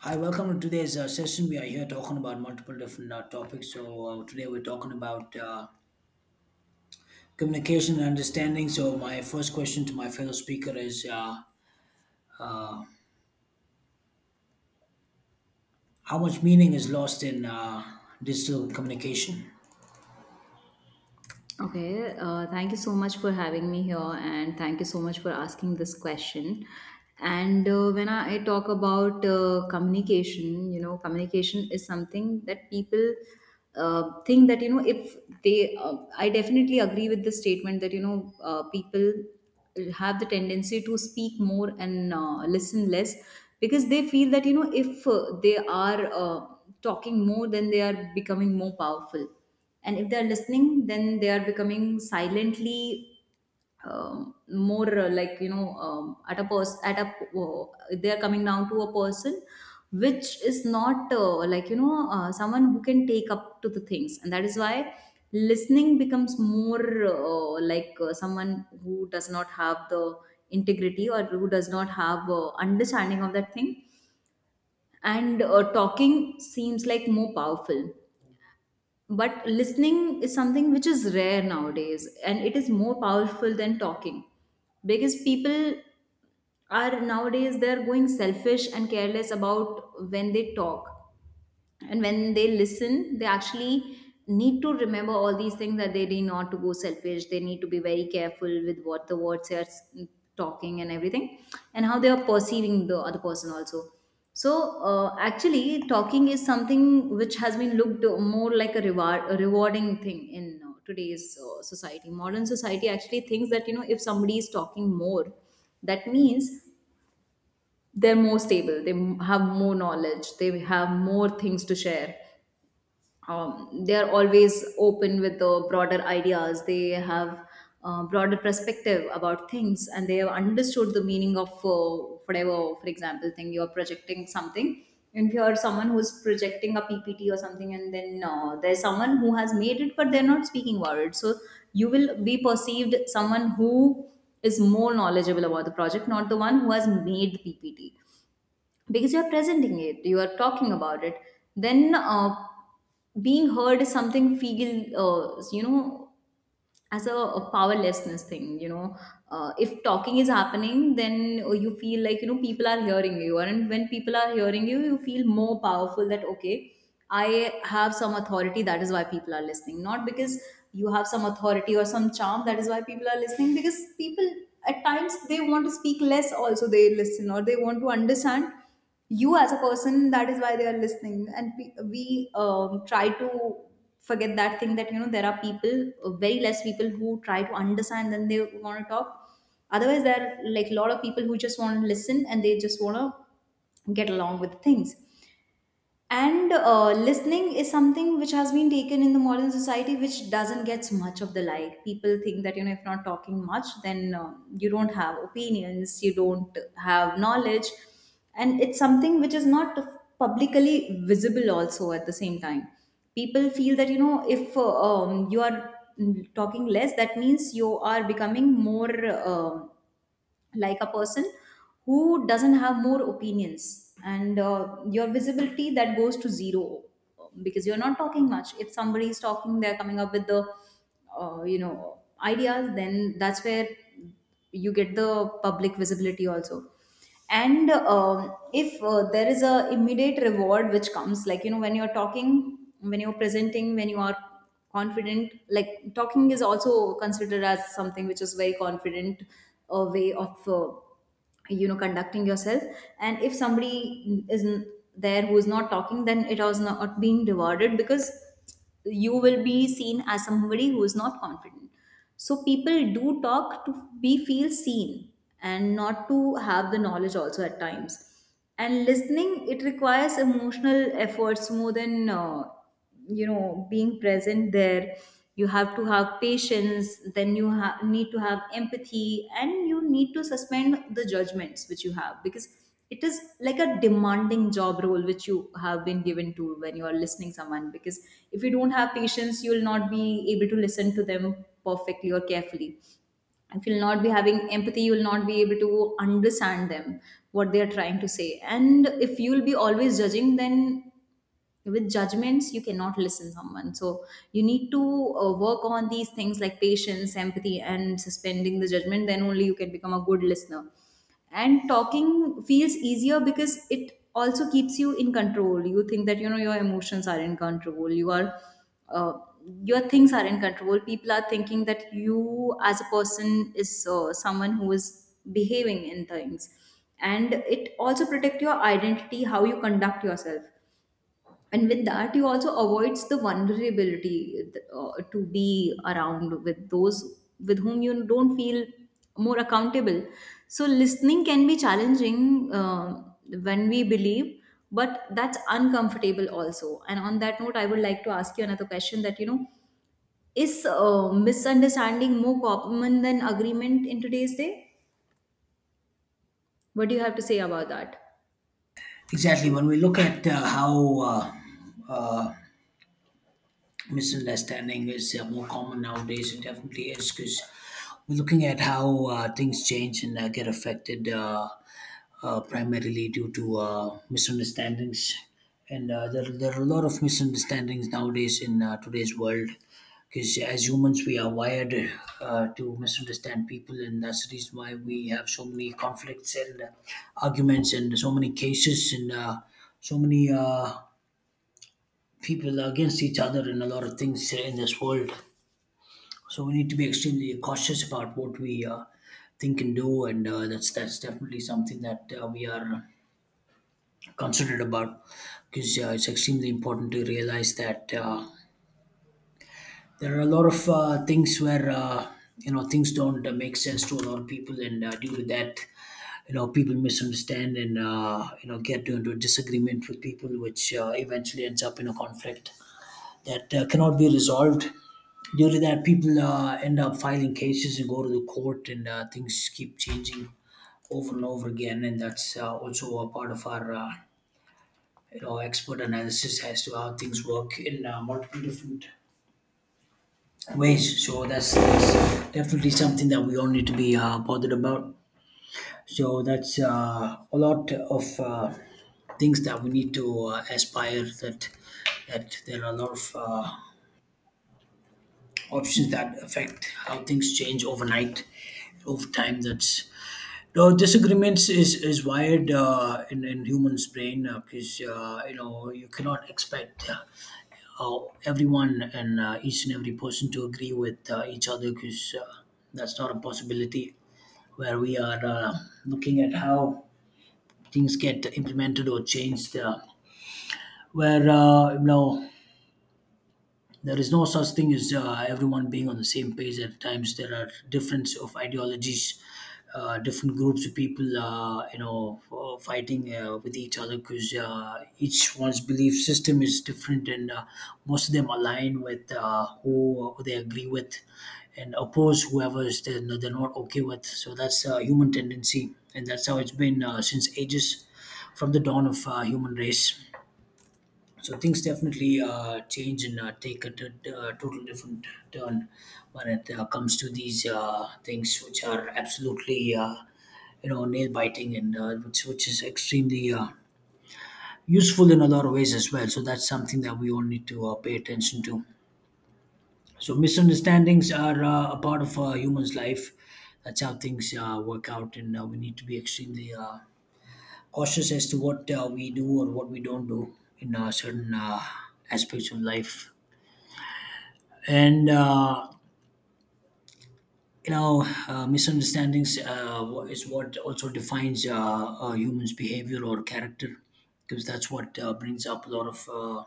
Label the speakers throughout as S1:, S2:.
S1: Hi, welcome to today's session. We are here talking about multiple different topics. So, today we're talking about communication and understanding. So, my first question to my fellow speaker is how much meaning is lost in digital communication?
S2: Okay, thank you so much for having me here, and thank you so much for asking this question. And when I talk about communication, you know, communication is something that people think that, you know, if I definitely agree with the statement that, you know, people have the tendency to speak more and listen less because they feel that, you know, if they are talking more, then they are becoming more powerful, and if they're listening then they are becoming silently, more like you know at a person at a uh, they are coming down to a person, which is not like you know someone who can take up to the things, and that is why listening becomes more like someone who does not have the integrity, or who does not have understanding of that thing, and talking seems like more powerful. But listening is something which is rare nowadays, and it is more powerful than talking because people are nowadays they're going selfish and careless about when they talk, and when they listen they actually need to remember all these things, that they need not to go selfish, they need to be very careful with what the words they are talking and everything, and how they are perceiving the other person also. So actually talking is something which has been looked more like a reward, a rewarding thing in today's society. Modern society actually thinks that you know if somebody is talking more, that means they're more stable, they have more knowledge, they have more things to share. They are always open with the broader ideas. They have broader perspective about things, and they have understood the meaning of whatever. For example, thing you are projecting something, and if you are someone who is projecting a PPT or something, and then there's someone who has made it, but they're not speaking about it. So you will be perceived someone who is more knowledgeable about the project, not the one who has made the PPT, because you're presenting it, you are talking about it. Then being heard is something feel you know as a powerlessness thing, you know, if talking is happening then you feel like you know people are hearing you, and when people are hearing you you feel more powerful that okay, I have some authority, that is why people are listening. Not because you have some authority or some charm that is why people are listening, because people at times they want to speak less also, they listen, or they want to understand you as a person, that is why they are listening. And we try to forget that thing, that you know there are people, very less people, who try to understand than they want to talk. Otherwise there are like a lot of people who just want to listen and they just want to get along with things. And listening is something which has been taken in the modern society which doesn't get much of the, like people think that you know if not talking much then you don't have opinions, you don't have knowledge, and it's something which is not publicly visible also. At the same time people feel that you know if you are talking less, that means you are becoming more um like a person who doesn't have more opinions, and your visibility that goes to zero, because you're not talking much. If somebody is talking they're coming up with the you know ideas, then that's where you get the public visibility also. And if there is a immediate reward which comes, like you know when you're talking, when you're presenting, when you are confident, like talking is also considered as something which is very confident way of you know conducting yourself. And if somebody is there who is not talking, then it has not been rewarded, because you will be seen as somebody who is not confident. So people do talk to be feel seen, and not to have the knowledge also at times. And listening, it requires emotional efforts more than you know being present there. You have to have patience, then you need to have empathy, and you need to suspend the judgments which you have, because it is like a demanding job role which you have been given to, when you are listening someone. Because if you don't have patience you will not be able to listen to them perfectly or carefully, if you'll not be having empathy you will not be able to understand them, what they are trying to say, and if you'll be always judging then with judgments you cannot listen someone. So you need to work on these things like patience, empathy, and suspending the judgment, then only you can become a good listener. And talking feels easier because it also keeps you in control. You think that you know your emotions are in control, you are uh, your things are in control, people are thinking that you as a person is someone who is behaving in things. And it also protect your identity, how you conduct yourself. And with that you also avoids the vulnerability to be around with those with whom you don't feel more accountable. So listening can be challenging when we believe, but that's uncomfortable also. And on that note I would like to ask you another question, that you know is misunderstanding more common than agreement in today's day? What do you have to say about that?
S1: Exactly. When we look at how uh, misunderstanding is more common nowadays. It definitely is because we're looking at how things change and get affected primarily due to misunderstandings. And there are a lot of misunderstandings nowadays in today's world because as humans, we are wired to misunderstand people, and that's the reason why we have so many conflicts and arguments and so many cases and so many. People against each other in a lot of things in this world. So we need to be extremely cautious about what we think and do, and that's definitely something that we are considerate about because it's extremely important to realize that there are a lot of things where you know things don't make sense to a lot of people, and due to that, you know, people misunderstand and you know get into a disagreement with people, which eventually ends up in a conflict that cannot be resolved. Due to that, people end up filing cases and go to the court, and things keep changing over and over again. And that's also a part of our you know, expert analysis as to how things work in multiple different ways. So that's definitely something that we all need to be bothered about. So that's a lot of things that we need to aspire that there are a lot of. Options that affect how things change overnight over time, that's no disagreements is wired in humans brain because you know you cannot expect how everyone and each and every person to agree with each other because that's not a possibility where we are looking at how things get implemented or changed where you know there is no such thing as everyone being on the same page at times. There are difference of ideologies, different groups of people, fighting with each other because each one's belief system is different, and most of them align with who they agree with and oppose whoever is they're not okay with. So that's a human tendency, and that's how it's been since ages, from the dawn of human race, so things definitely change and take a total different turn when it comes to these things which are absolutely you know nail biting and which is extremely useful in a lot of ways as well, so that's something that we all need to pay attention to. So misunderstandings are a part of a human's life, that's how things work out and we need to be extremely cautious as to what we do or what we don't do in certain aspects of life, and you know misunderstandings is what also defines a human's behavior or character because that's what brings up a lot of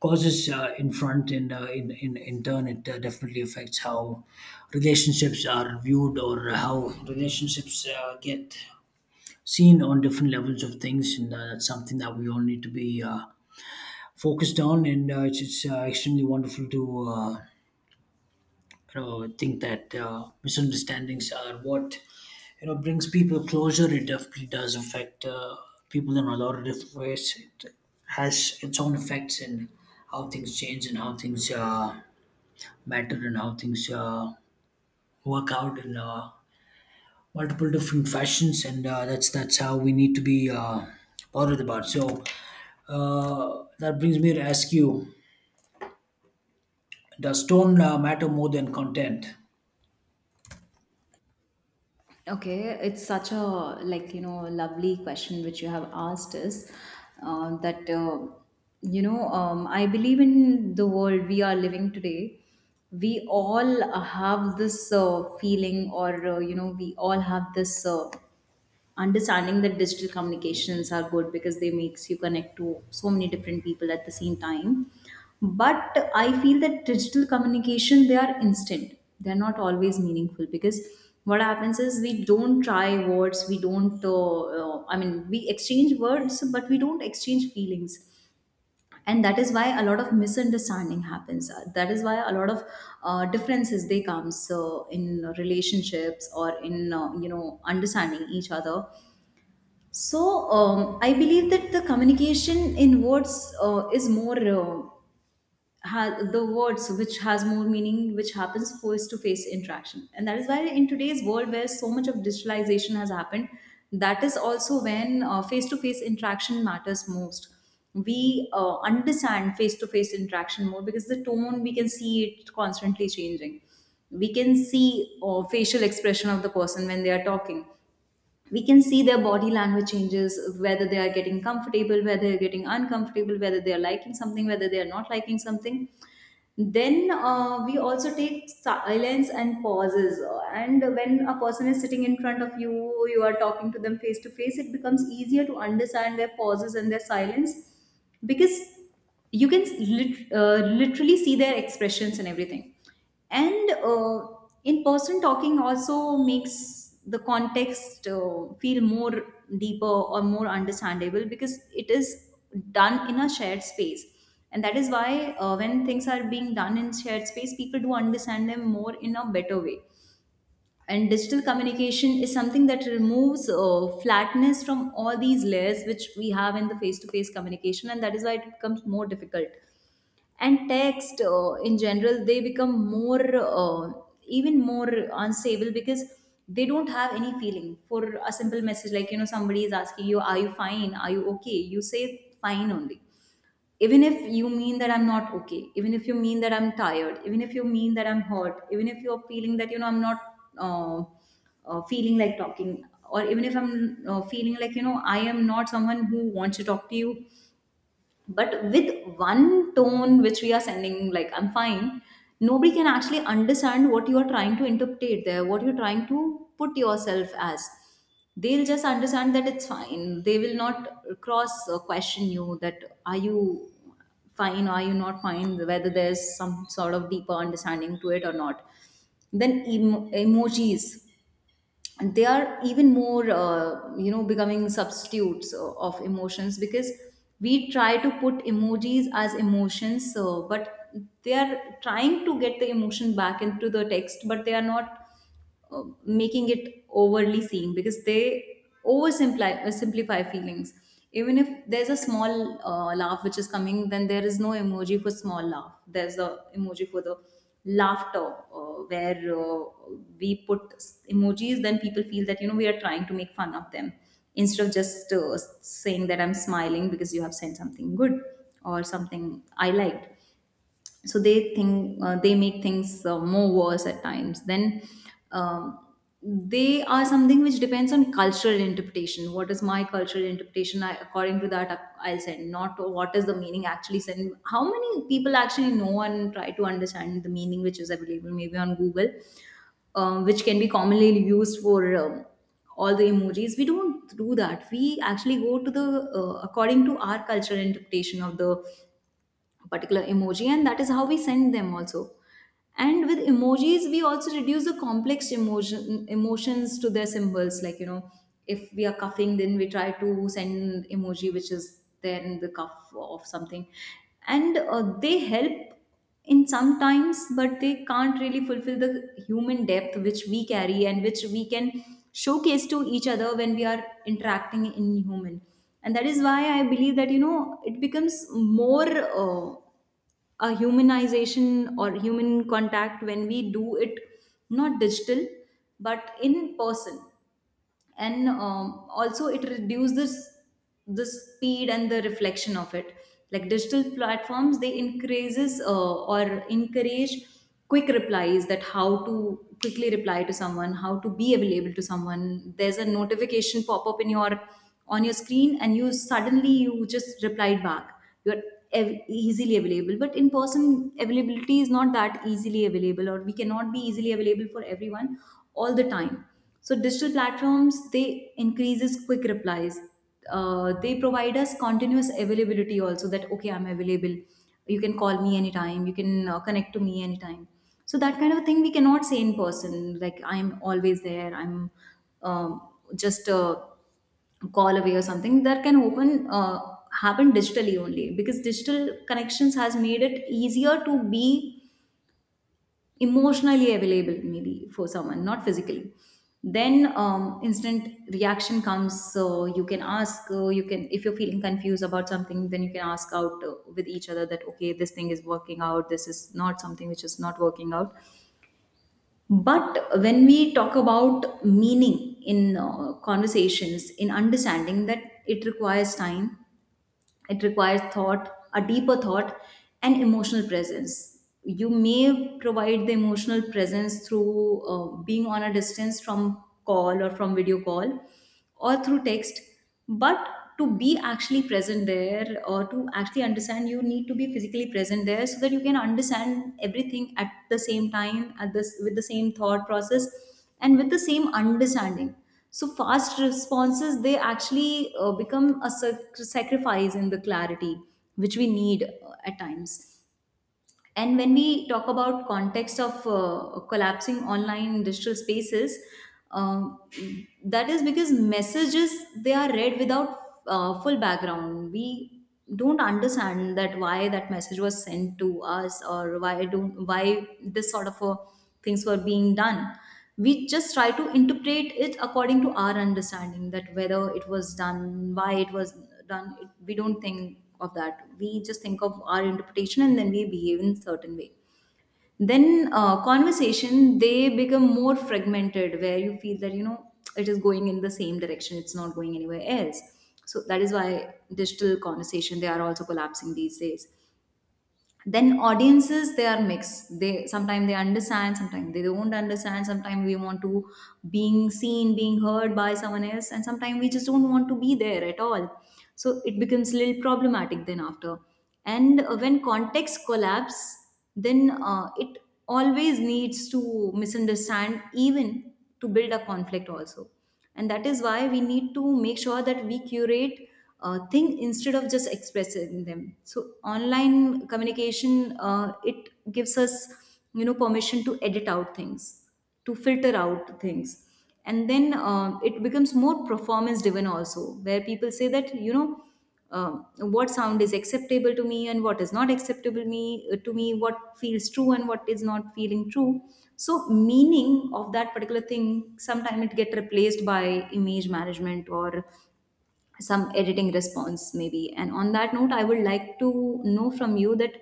S1: causes in front and in in turn it definitely affects how relationships are viewed or how relationships get seen on different levels of things, and that's something that we all need to be focused on, and it's extremely wonderful to you know, I think that misunderstandings are what, you know, brings people closer. It definitely does affect people in a lot of different ways. It has its own effects in how things change and how things matter and how things work out in multiple different fashions, and that's how we need to be bothered about. So that brings me to ask you, does tone matter more than content?
S2: Okay, it's such a like you know lovely question which you have asked us, that you know I believe in the world we are living today. We all have this feeling, or you know, we all have this understanding that digital communications are good because they makes you connect to so many different people at the same time. But I feel that digital communication they are instant, they're not always meaningful, because what happens is we don't try words, we don't I mean we exchange words but we don't exchange feelings. And that is why a lot of misunderstanding happens. That is why a lot of differences they comes in relationships or in you know understanding each other. So I believe that the communication in words is more the words which has more meaning, which happens face to face interaction, and that is why in today's world where so much of digitalization has happened, that is also when face to face interaction matters most. We understand face to face interaction more because the tone we can see it constantly changing. We can see facial expression of the person when they are talking, we can see their body language changes, whether they are getting comfortable, whether they're getting uncomfortable, whether they are liking something, whether they are not liking something. Then we also take silence and pauses. And when a person is sitting in front of you, you are talking to them face to face, it becomes easier to understand their pauses and their silence, because you can literally see their expressions and everything. And in person talking also makes the context feel more deeper or more understandable because it is done in a shared space. And that is why when things are being done in shared space, people do understand them more in a better way. And digital communication is something that removes flatness from all these layers which we have in the face to face communication, and that is why it becomes more difficult. And text in general they become more even more unstable, because they don't have any feeling. For a simple message, like you know, somebody is asking you are you fine, are you okay, you say fine only, even if you mean that I'm not okay, even if you mean that I'm tired, even if you mean that I'm hurt, even if you're feeling that you know I'm not uh, feeling like talking, or even if I'm feeling like you know I am not someone who wants to talk to you. But with one tone which we are sending, like I'm fine, nobody can actually understand what you are trying to interpret there, what you're trying to put yourself as. They'll just understand that it's fine, they will not cross question you that are you fine, are you not fine, whether there's some sort of deeper understanding to it or not. Then emojis, they are even more you know becoming substitutes of emotions because we try to put emojis as emotions, so but they are trying to get the emotion back into the text, but they are not making it overly seeing because they oversimplify simplify feelings. Even if there's a small laugh which is coming, then there is no emoji for small laugh. There's a emoji for the laughter, where we put emojis. Then people feel that, you know, we are trying to make fun of them instead of just saying that I'm smiling because you have sent something good or something I liked. So they think, they make things more worse at times. Then um, they are something which depends on cultural interpretation. What is my cultural interpretation, I, according to that I'll send, not what is the meaning actually send. How many people actually know and try to understand the meaning which is available maybe on Google, which can be commonly used for, all the emojis? We don't do that. We actually go to the according to our cultural interpretation of the particular emoji, and that is how we send them also. And with emojis we also reduce the complex emotions to their symbols, like, you know, if we are coughing, then we try to send emoji which is there in the cuff of something. And they help in sometimes, but they can't really fulfill the human depth which we carry and which we can showcase to each other when we are interacting in human. And that is why I believe that, you know, it becomes more uh, a humanization or human contact when we do it, not digital, but in person. And also it reduces the speed and the reflection of it. Like digital platforms, they increases or encourage quick replies, that how to quickly reply to someone, how to be available to someone. There's a notification pop up in your on your screen, and you suddenly you just replied back. You're easily available, but in person availability is not that easily available, or we cannot be easily available for everyone all the time. So digital platforms, they increases quick replies. They provide us continuous availability also, that okay, I'm available, you can call me anytime, you can connect to me anytime. So that kind of thing we cannot say in person, like, I'm always there, I'm um, just call away or something. That can open happen digitally only, because digital connections has made it easier to be emotionally available maybe for someone, not physically. Then Instant reaction comes, so you can ask, you can, if you're feeling confused about something, then you can ask out with each other, that okay, this thing is working out, this is not something which is not working out. But when we talk about meaning in conversations, in understanding that, it requires time, it requires thought, a deeper thought, and emotional presence. You may provide the emotional presence through being on a distance, from call or from video call or through text, but to be actually present there, or to actually understand, you need to be physically present there, so that you can understand everything at the same time, at this with the same thought process and with the same understanding. So fast responses, they actually become a sacrifice in the clarity which we need at times. And when we talk about context of collapsing online digital spaces, um, that is because messages, they are read without full background. We don't understand that why that message was sent to us, or why don't, why this sort of things were being done. We just try to interpret it according to our understanding, that whether it was done, why it was done it. We don't think of that, we just think of our interpretation, and then we behave in certain way. Then conversation they become more fragmented, where you feel that, you know, it is going in the same direction, it's not going anywhere else. So that is why digital conversation they are also collapsing these days. Then audiences, they are mixed, they sometimes they understand, sometimes they don't understand, sometimes we want to being seen, being heard by someone else, and sometimes we just don't want to be there at all. So it becomes a little problematic, then after. And when context collapse, then it always needs to misunderstand, even to build a conflict also. And that is why we need to make sure that we curate thing instead of just expressing them. So online communication, it gives us, you know, permission to edit out things, to filter out things. And then it becomes more performance driven also, where people say that, you know, um, what sound is acceptable to me and what is not acceptable me to me, what feels true and what is not feeling true. So meaning of that particular thing, sometimes it get replaced by image management, or some editing response maybe. And on that note, I would like to know from you that,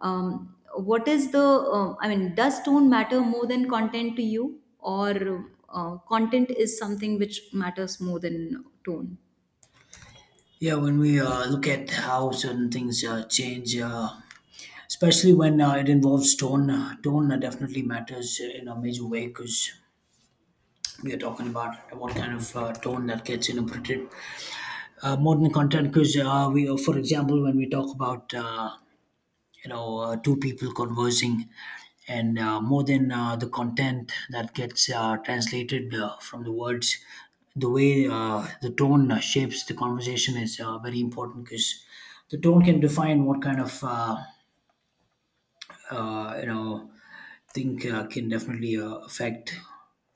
S2: um, what is the I mean, does tone matter more than content to you, or content is something which matters more than tone?
S1: Yeah, when we look at how certain things change, especially when it involves tone, tone definitely matters in a major way because we are talking about what kind of tone that gets interpreted more than content. Because for example, when we talk about you know two people conversing and more than the content that gets translated from the words, the way the tone shapes the conversation is very important because the tone can define what kind of you know think can definitely affect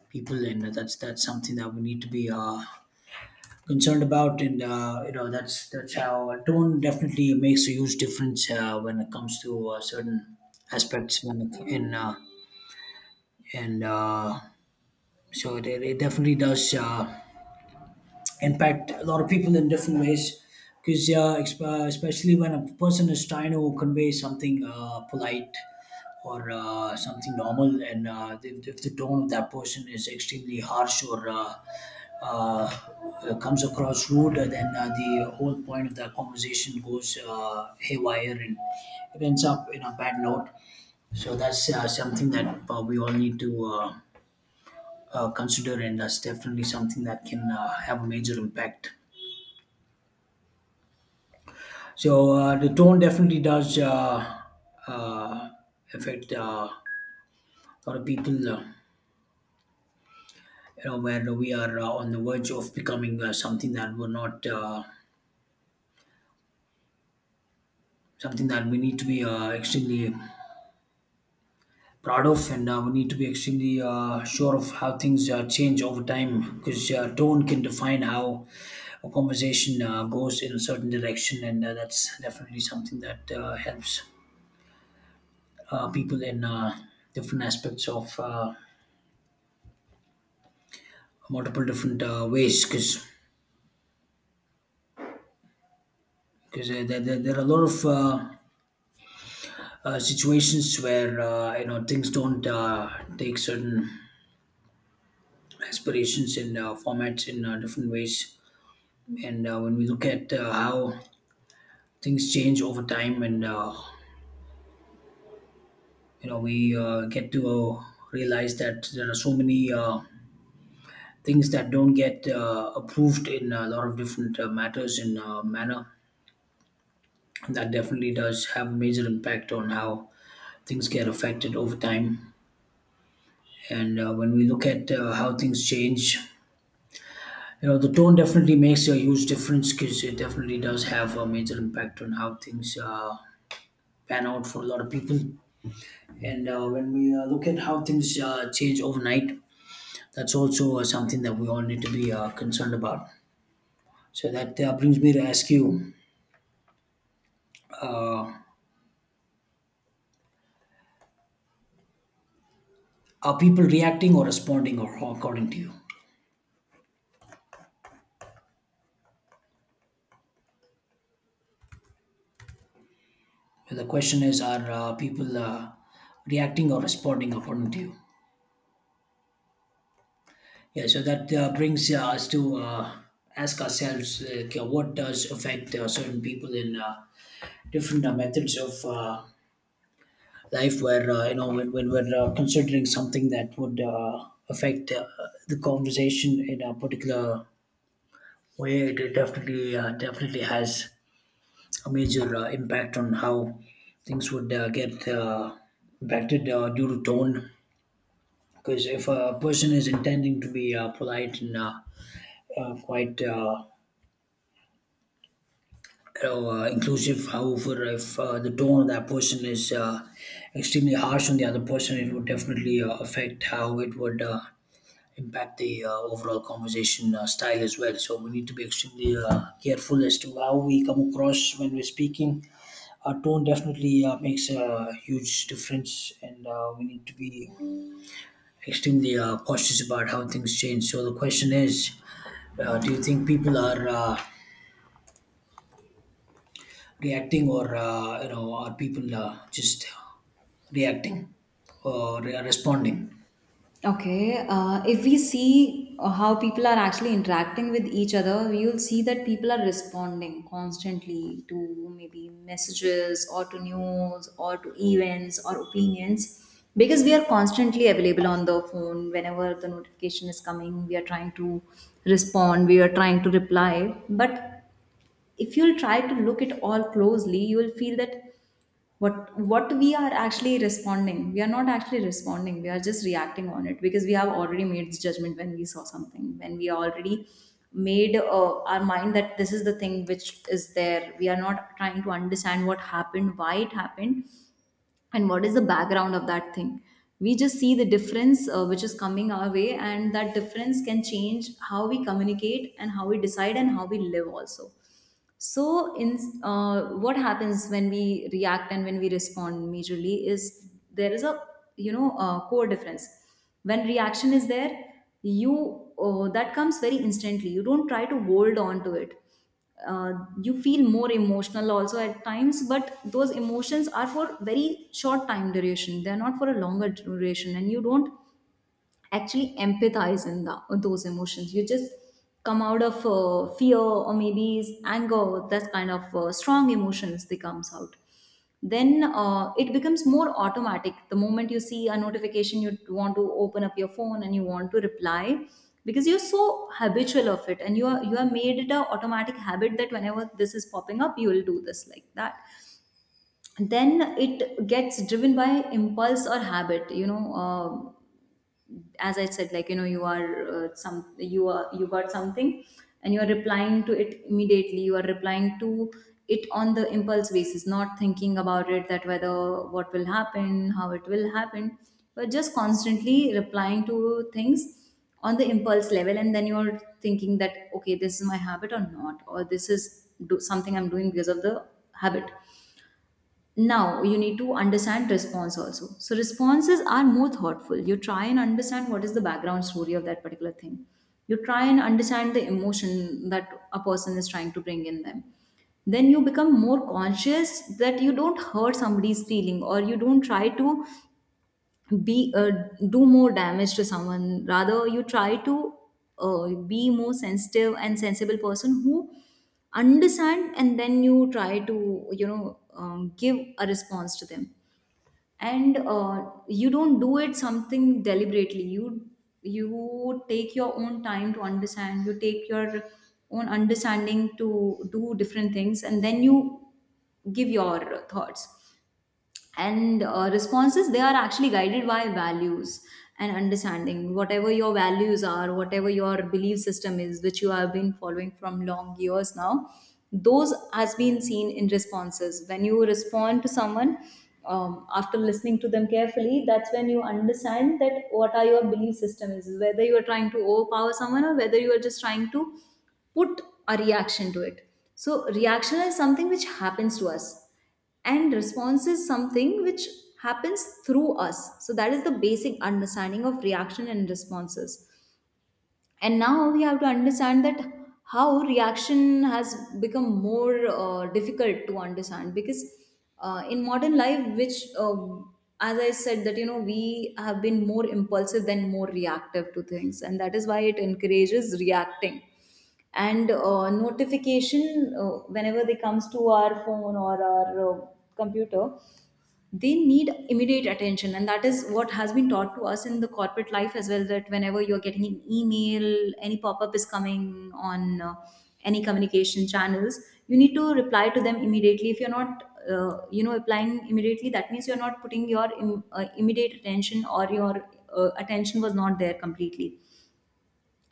S1: people, and that's something that we need to be concerned about, and you know that's how a tone definitely makes a huge difference when it comes to certain aspects when it, in and so it definitely does impact a lot of people in different ways because, yeah, especially when a person is trying to convey something polite or something normal and if the tone of that person is extremely harsh or uh, comes across rude, then the whole point of that conversation goes haywire and it ends up in a bad note. So that's something that we all need to consider, and that's definitely something that can have a major impact. So the tone definitely does uh, affect a lot of people. You know, where we are on the verge of becoming something that we're not, something that we need to be extremely proud of, and we need to be extremely sure of how things change over time, because tone can define how a conversation goes in a certain direction, and that's definitely something that helps people in different aspects of. Multiple different ways because there are a lot of situations where you know things don't take certain aspirations and formats in different ways, and when we look at how things change over time and you know we get to realize that there are so many things that don't get approved in a lot of different matters in manner that definitely does have a major impact on how things get affected over time. And when we look at how things change, you know, the tone definitely makes a huge difference because it definitely does have a major impact on how things pan out for a lot of people. And when we look at how things change overnight, that's also something that we all need to be concerned about. So that brings me to ask you: uh, Are people reacting or responding, or according to you? So, the question is, are people reacting or responding according to you? Yeah, so that brings us to ask ourselves like, what does affect certain people in different methods of life where, you know, when we're considering something that would affect the conversation in a particular way, it definitely, definitely has a major impact on how things would get impacted due to tone, because if a person is intending to be polite and quite you know, inclusive, however, if the tone of that person is extremely harsh on the other person, it would definitely affect how it would impact the overall conversation style as well. So we need to be extremely careful as to how we come across when we're speaking. Our tone definitely makes a huge difference, and we need to be extremely cautious about how things change. So the question is, do you think people are reacting, or you know, are people just reacting or responding?
S2: Okay, if we see how people are actually interacting with each other, you'll see that people are responding constantly to maybe messages or to news or to events or opinions, because we are constantly available on the phone. Whenever the notification is coming, we are trying to respond, we are trying to reply. But if you'll try to look it all closely, you will feel that what we are actually responding, we are not actually responding, we are just reacting on it, because we have already made this judgment when we saw something, when we already made our mind that this is the thing which is there. We are not trying to understand what happened, why it happened, and what is the background of that thing. We just see the difference which is coming our way, and that difference can change how we communicate and how we decide and how we live also. So, in what happens when we react and when we respond majorly is, there is a, you know, a core difference. When reaction is there, you that comes very instantly. You don't try to hold on to it. Uh, you feel more emotional also at times, but those emotions are for very short time duration. They are not for a longer duration, and you don't actually empathize in the, those emotions. You just come out of fear, or maybe is anger, that kind of strong emotions they comes out. Then it becomes more automatic. The moment you see a notification, you want to open up your phone and you want to reply, because you're so habitual of it, and you are made it a automatic habit, that whenever this is popping up, you will do this like that. Then it gets driven by impulse or habit, you know, as I said, like, you know, you are you got something and you are replying to it immediately, you are replying to it on the impulse basis, not thinking about it that whether what will happen, how it will happen, but just constantly replying to things on the impulse level. And then you're thinking that okay, this is my habit or not, or this is do something I'm doing because of the habit. Now you need to understand response also. So responses are more thoughtful, you try and understand what is the background story of that particular thing, you try and understand the emotion that a person is trying to bring in them. Then you become more conscious that you don't hurt somebody's feeling, or you don't try to be do more damage to someone, rather you try to uh, be more sensitive and sensible person who understand, and then you try to, you know, give a response to them. And you don't do it something deliberately, you take your own time to understand, you take your own understanding to do different things, and then you give your thoughts. And responses, they are actually guided by values and understanding. Whatever your values are, whatever your belief system is, which you have been following from long years now, those has been seen in responses when you respond to someone, after listening to them carefully. That's when you understand that what are your belief system is, whether you are trying to overpower someone, or whether you are just trying to put a reaction to it. So reaction is something which happens to us, and Response is something which happens through us, so that is the basic understanding of reaction and responses. And now we have to understand that how reaction has become more difficult to understand, because in modern life which as I said, that you know we have been more impulsive than more reactive to things, and that is why it encourages reacting. And notification, whenever they comes to our phone or our computer, they need immediate attention, and that is what has been taught to us in the corporate life as well, that whenever you're getting an email, any pop-up is coming on, any communication channels, you need to reply to them immediately. If you're not applying immediately, that means you're not putting your immediate attention, or your attention was not there completely.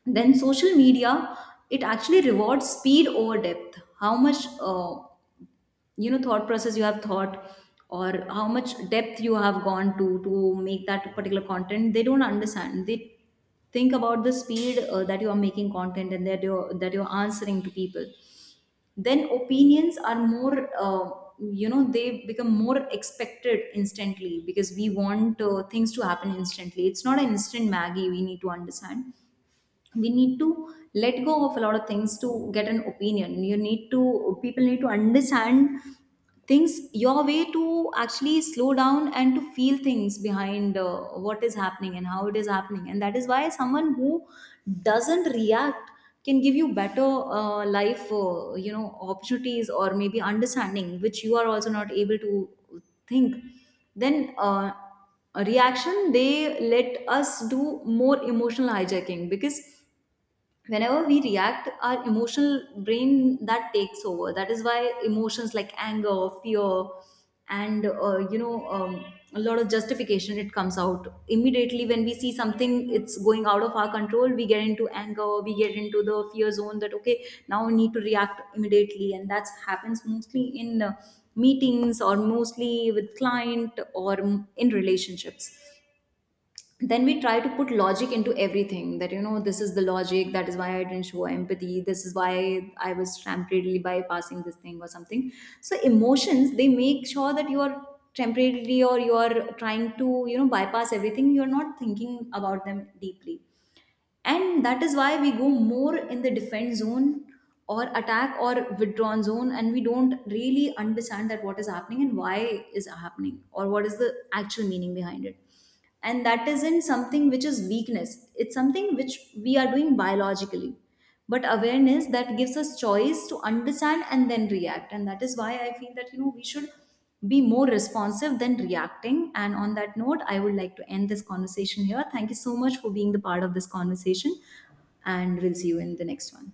S2: Then social media, it actually rewards speed over depth. How much, thought process you have thought, or how much depth you have gone to make that particular content, they don't understand. They think about the speed, that you are making content and that you're answering to people. Then opinions are more, they become more expected instantly, because we want, things to happen instantly. It's not an instant maggie, we need to understand. We need to let go of a lot of things to get an opinion. You need to, people need to understand things your way, to actually slow down and to feel things behind, what is happening and how it is happening. And that is why someone who doesn't react can give you better, life, opportunities, or maybe understanding which you are also not able to think. Then a reaction, they let us do more emotional hijacking, because whenever we react, our emotional brain that takes over. That is why emotions like anger, fear, and a lot of justification, it comes out immediately. When we see something it's going out of our control, we get into anger, we get into the fear zone, that okay, now we need to react immediately, and that happens mostly in meetings, or mostly with client, or in relationships. Then we try to put logic into everything, that this is the logic, that is why I didn't show empathy, this is why I was temporarily bypassing this thing or something. So emotions, they make sure that you are temporarily, or you are trying to, bypass everything, you're not thinking about them deeply. And that is why we go more in the defense zone, or attack, or withdrawn zone, and we don't really understand that what is happening and why is happening, or what is the actual meaning behind it. And that isn't something which is weakness, it's something which we are doing biologically. But awareness, that gives us choice to understand and then react. And that is why I feel that, we should be more responsive than reacting. And on that note, I would like to end this conversation here. Thank you so much for being the part of this conversation, and we'll see you in the next one.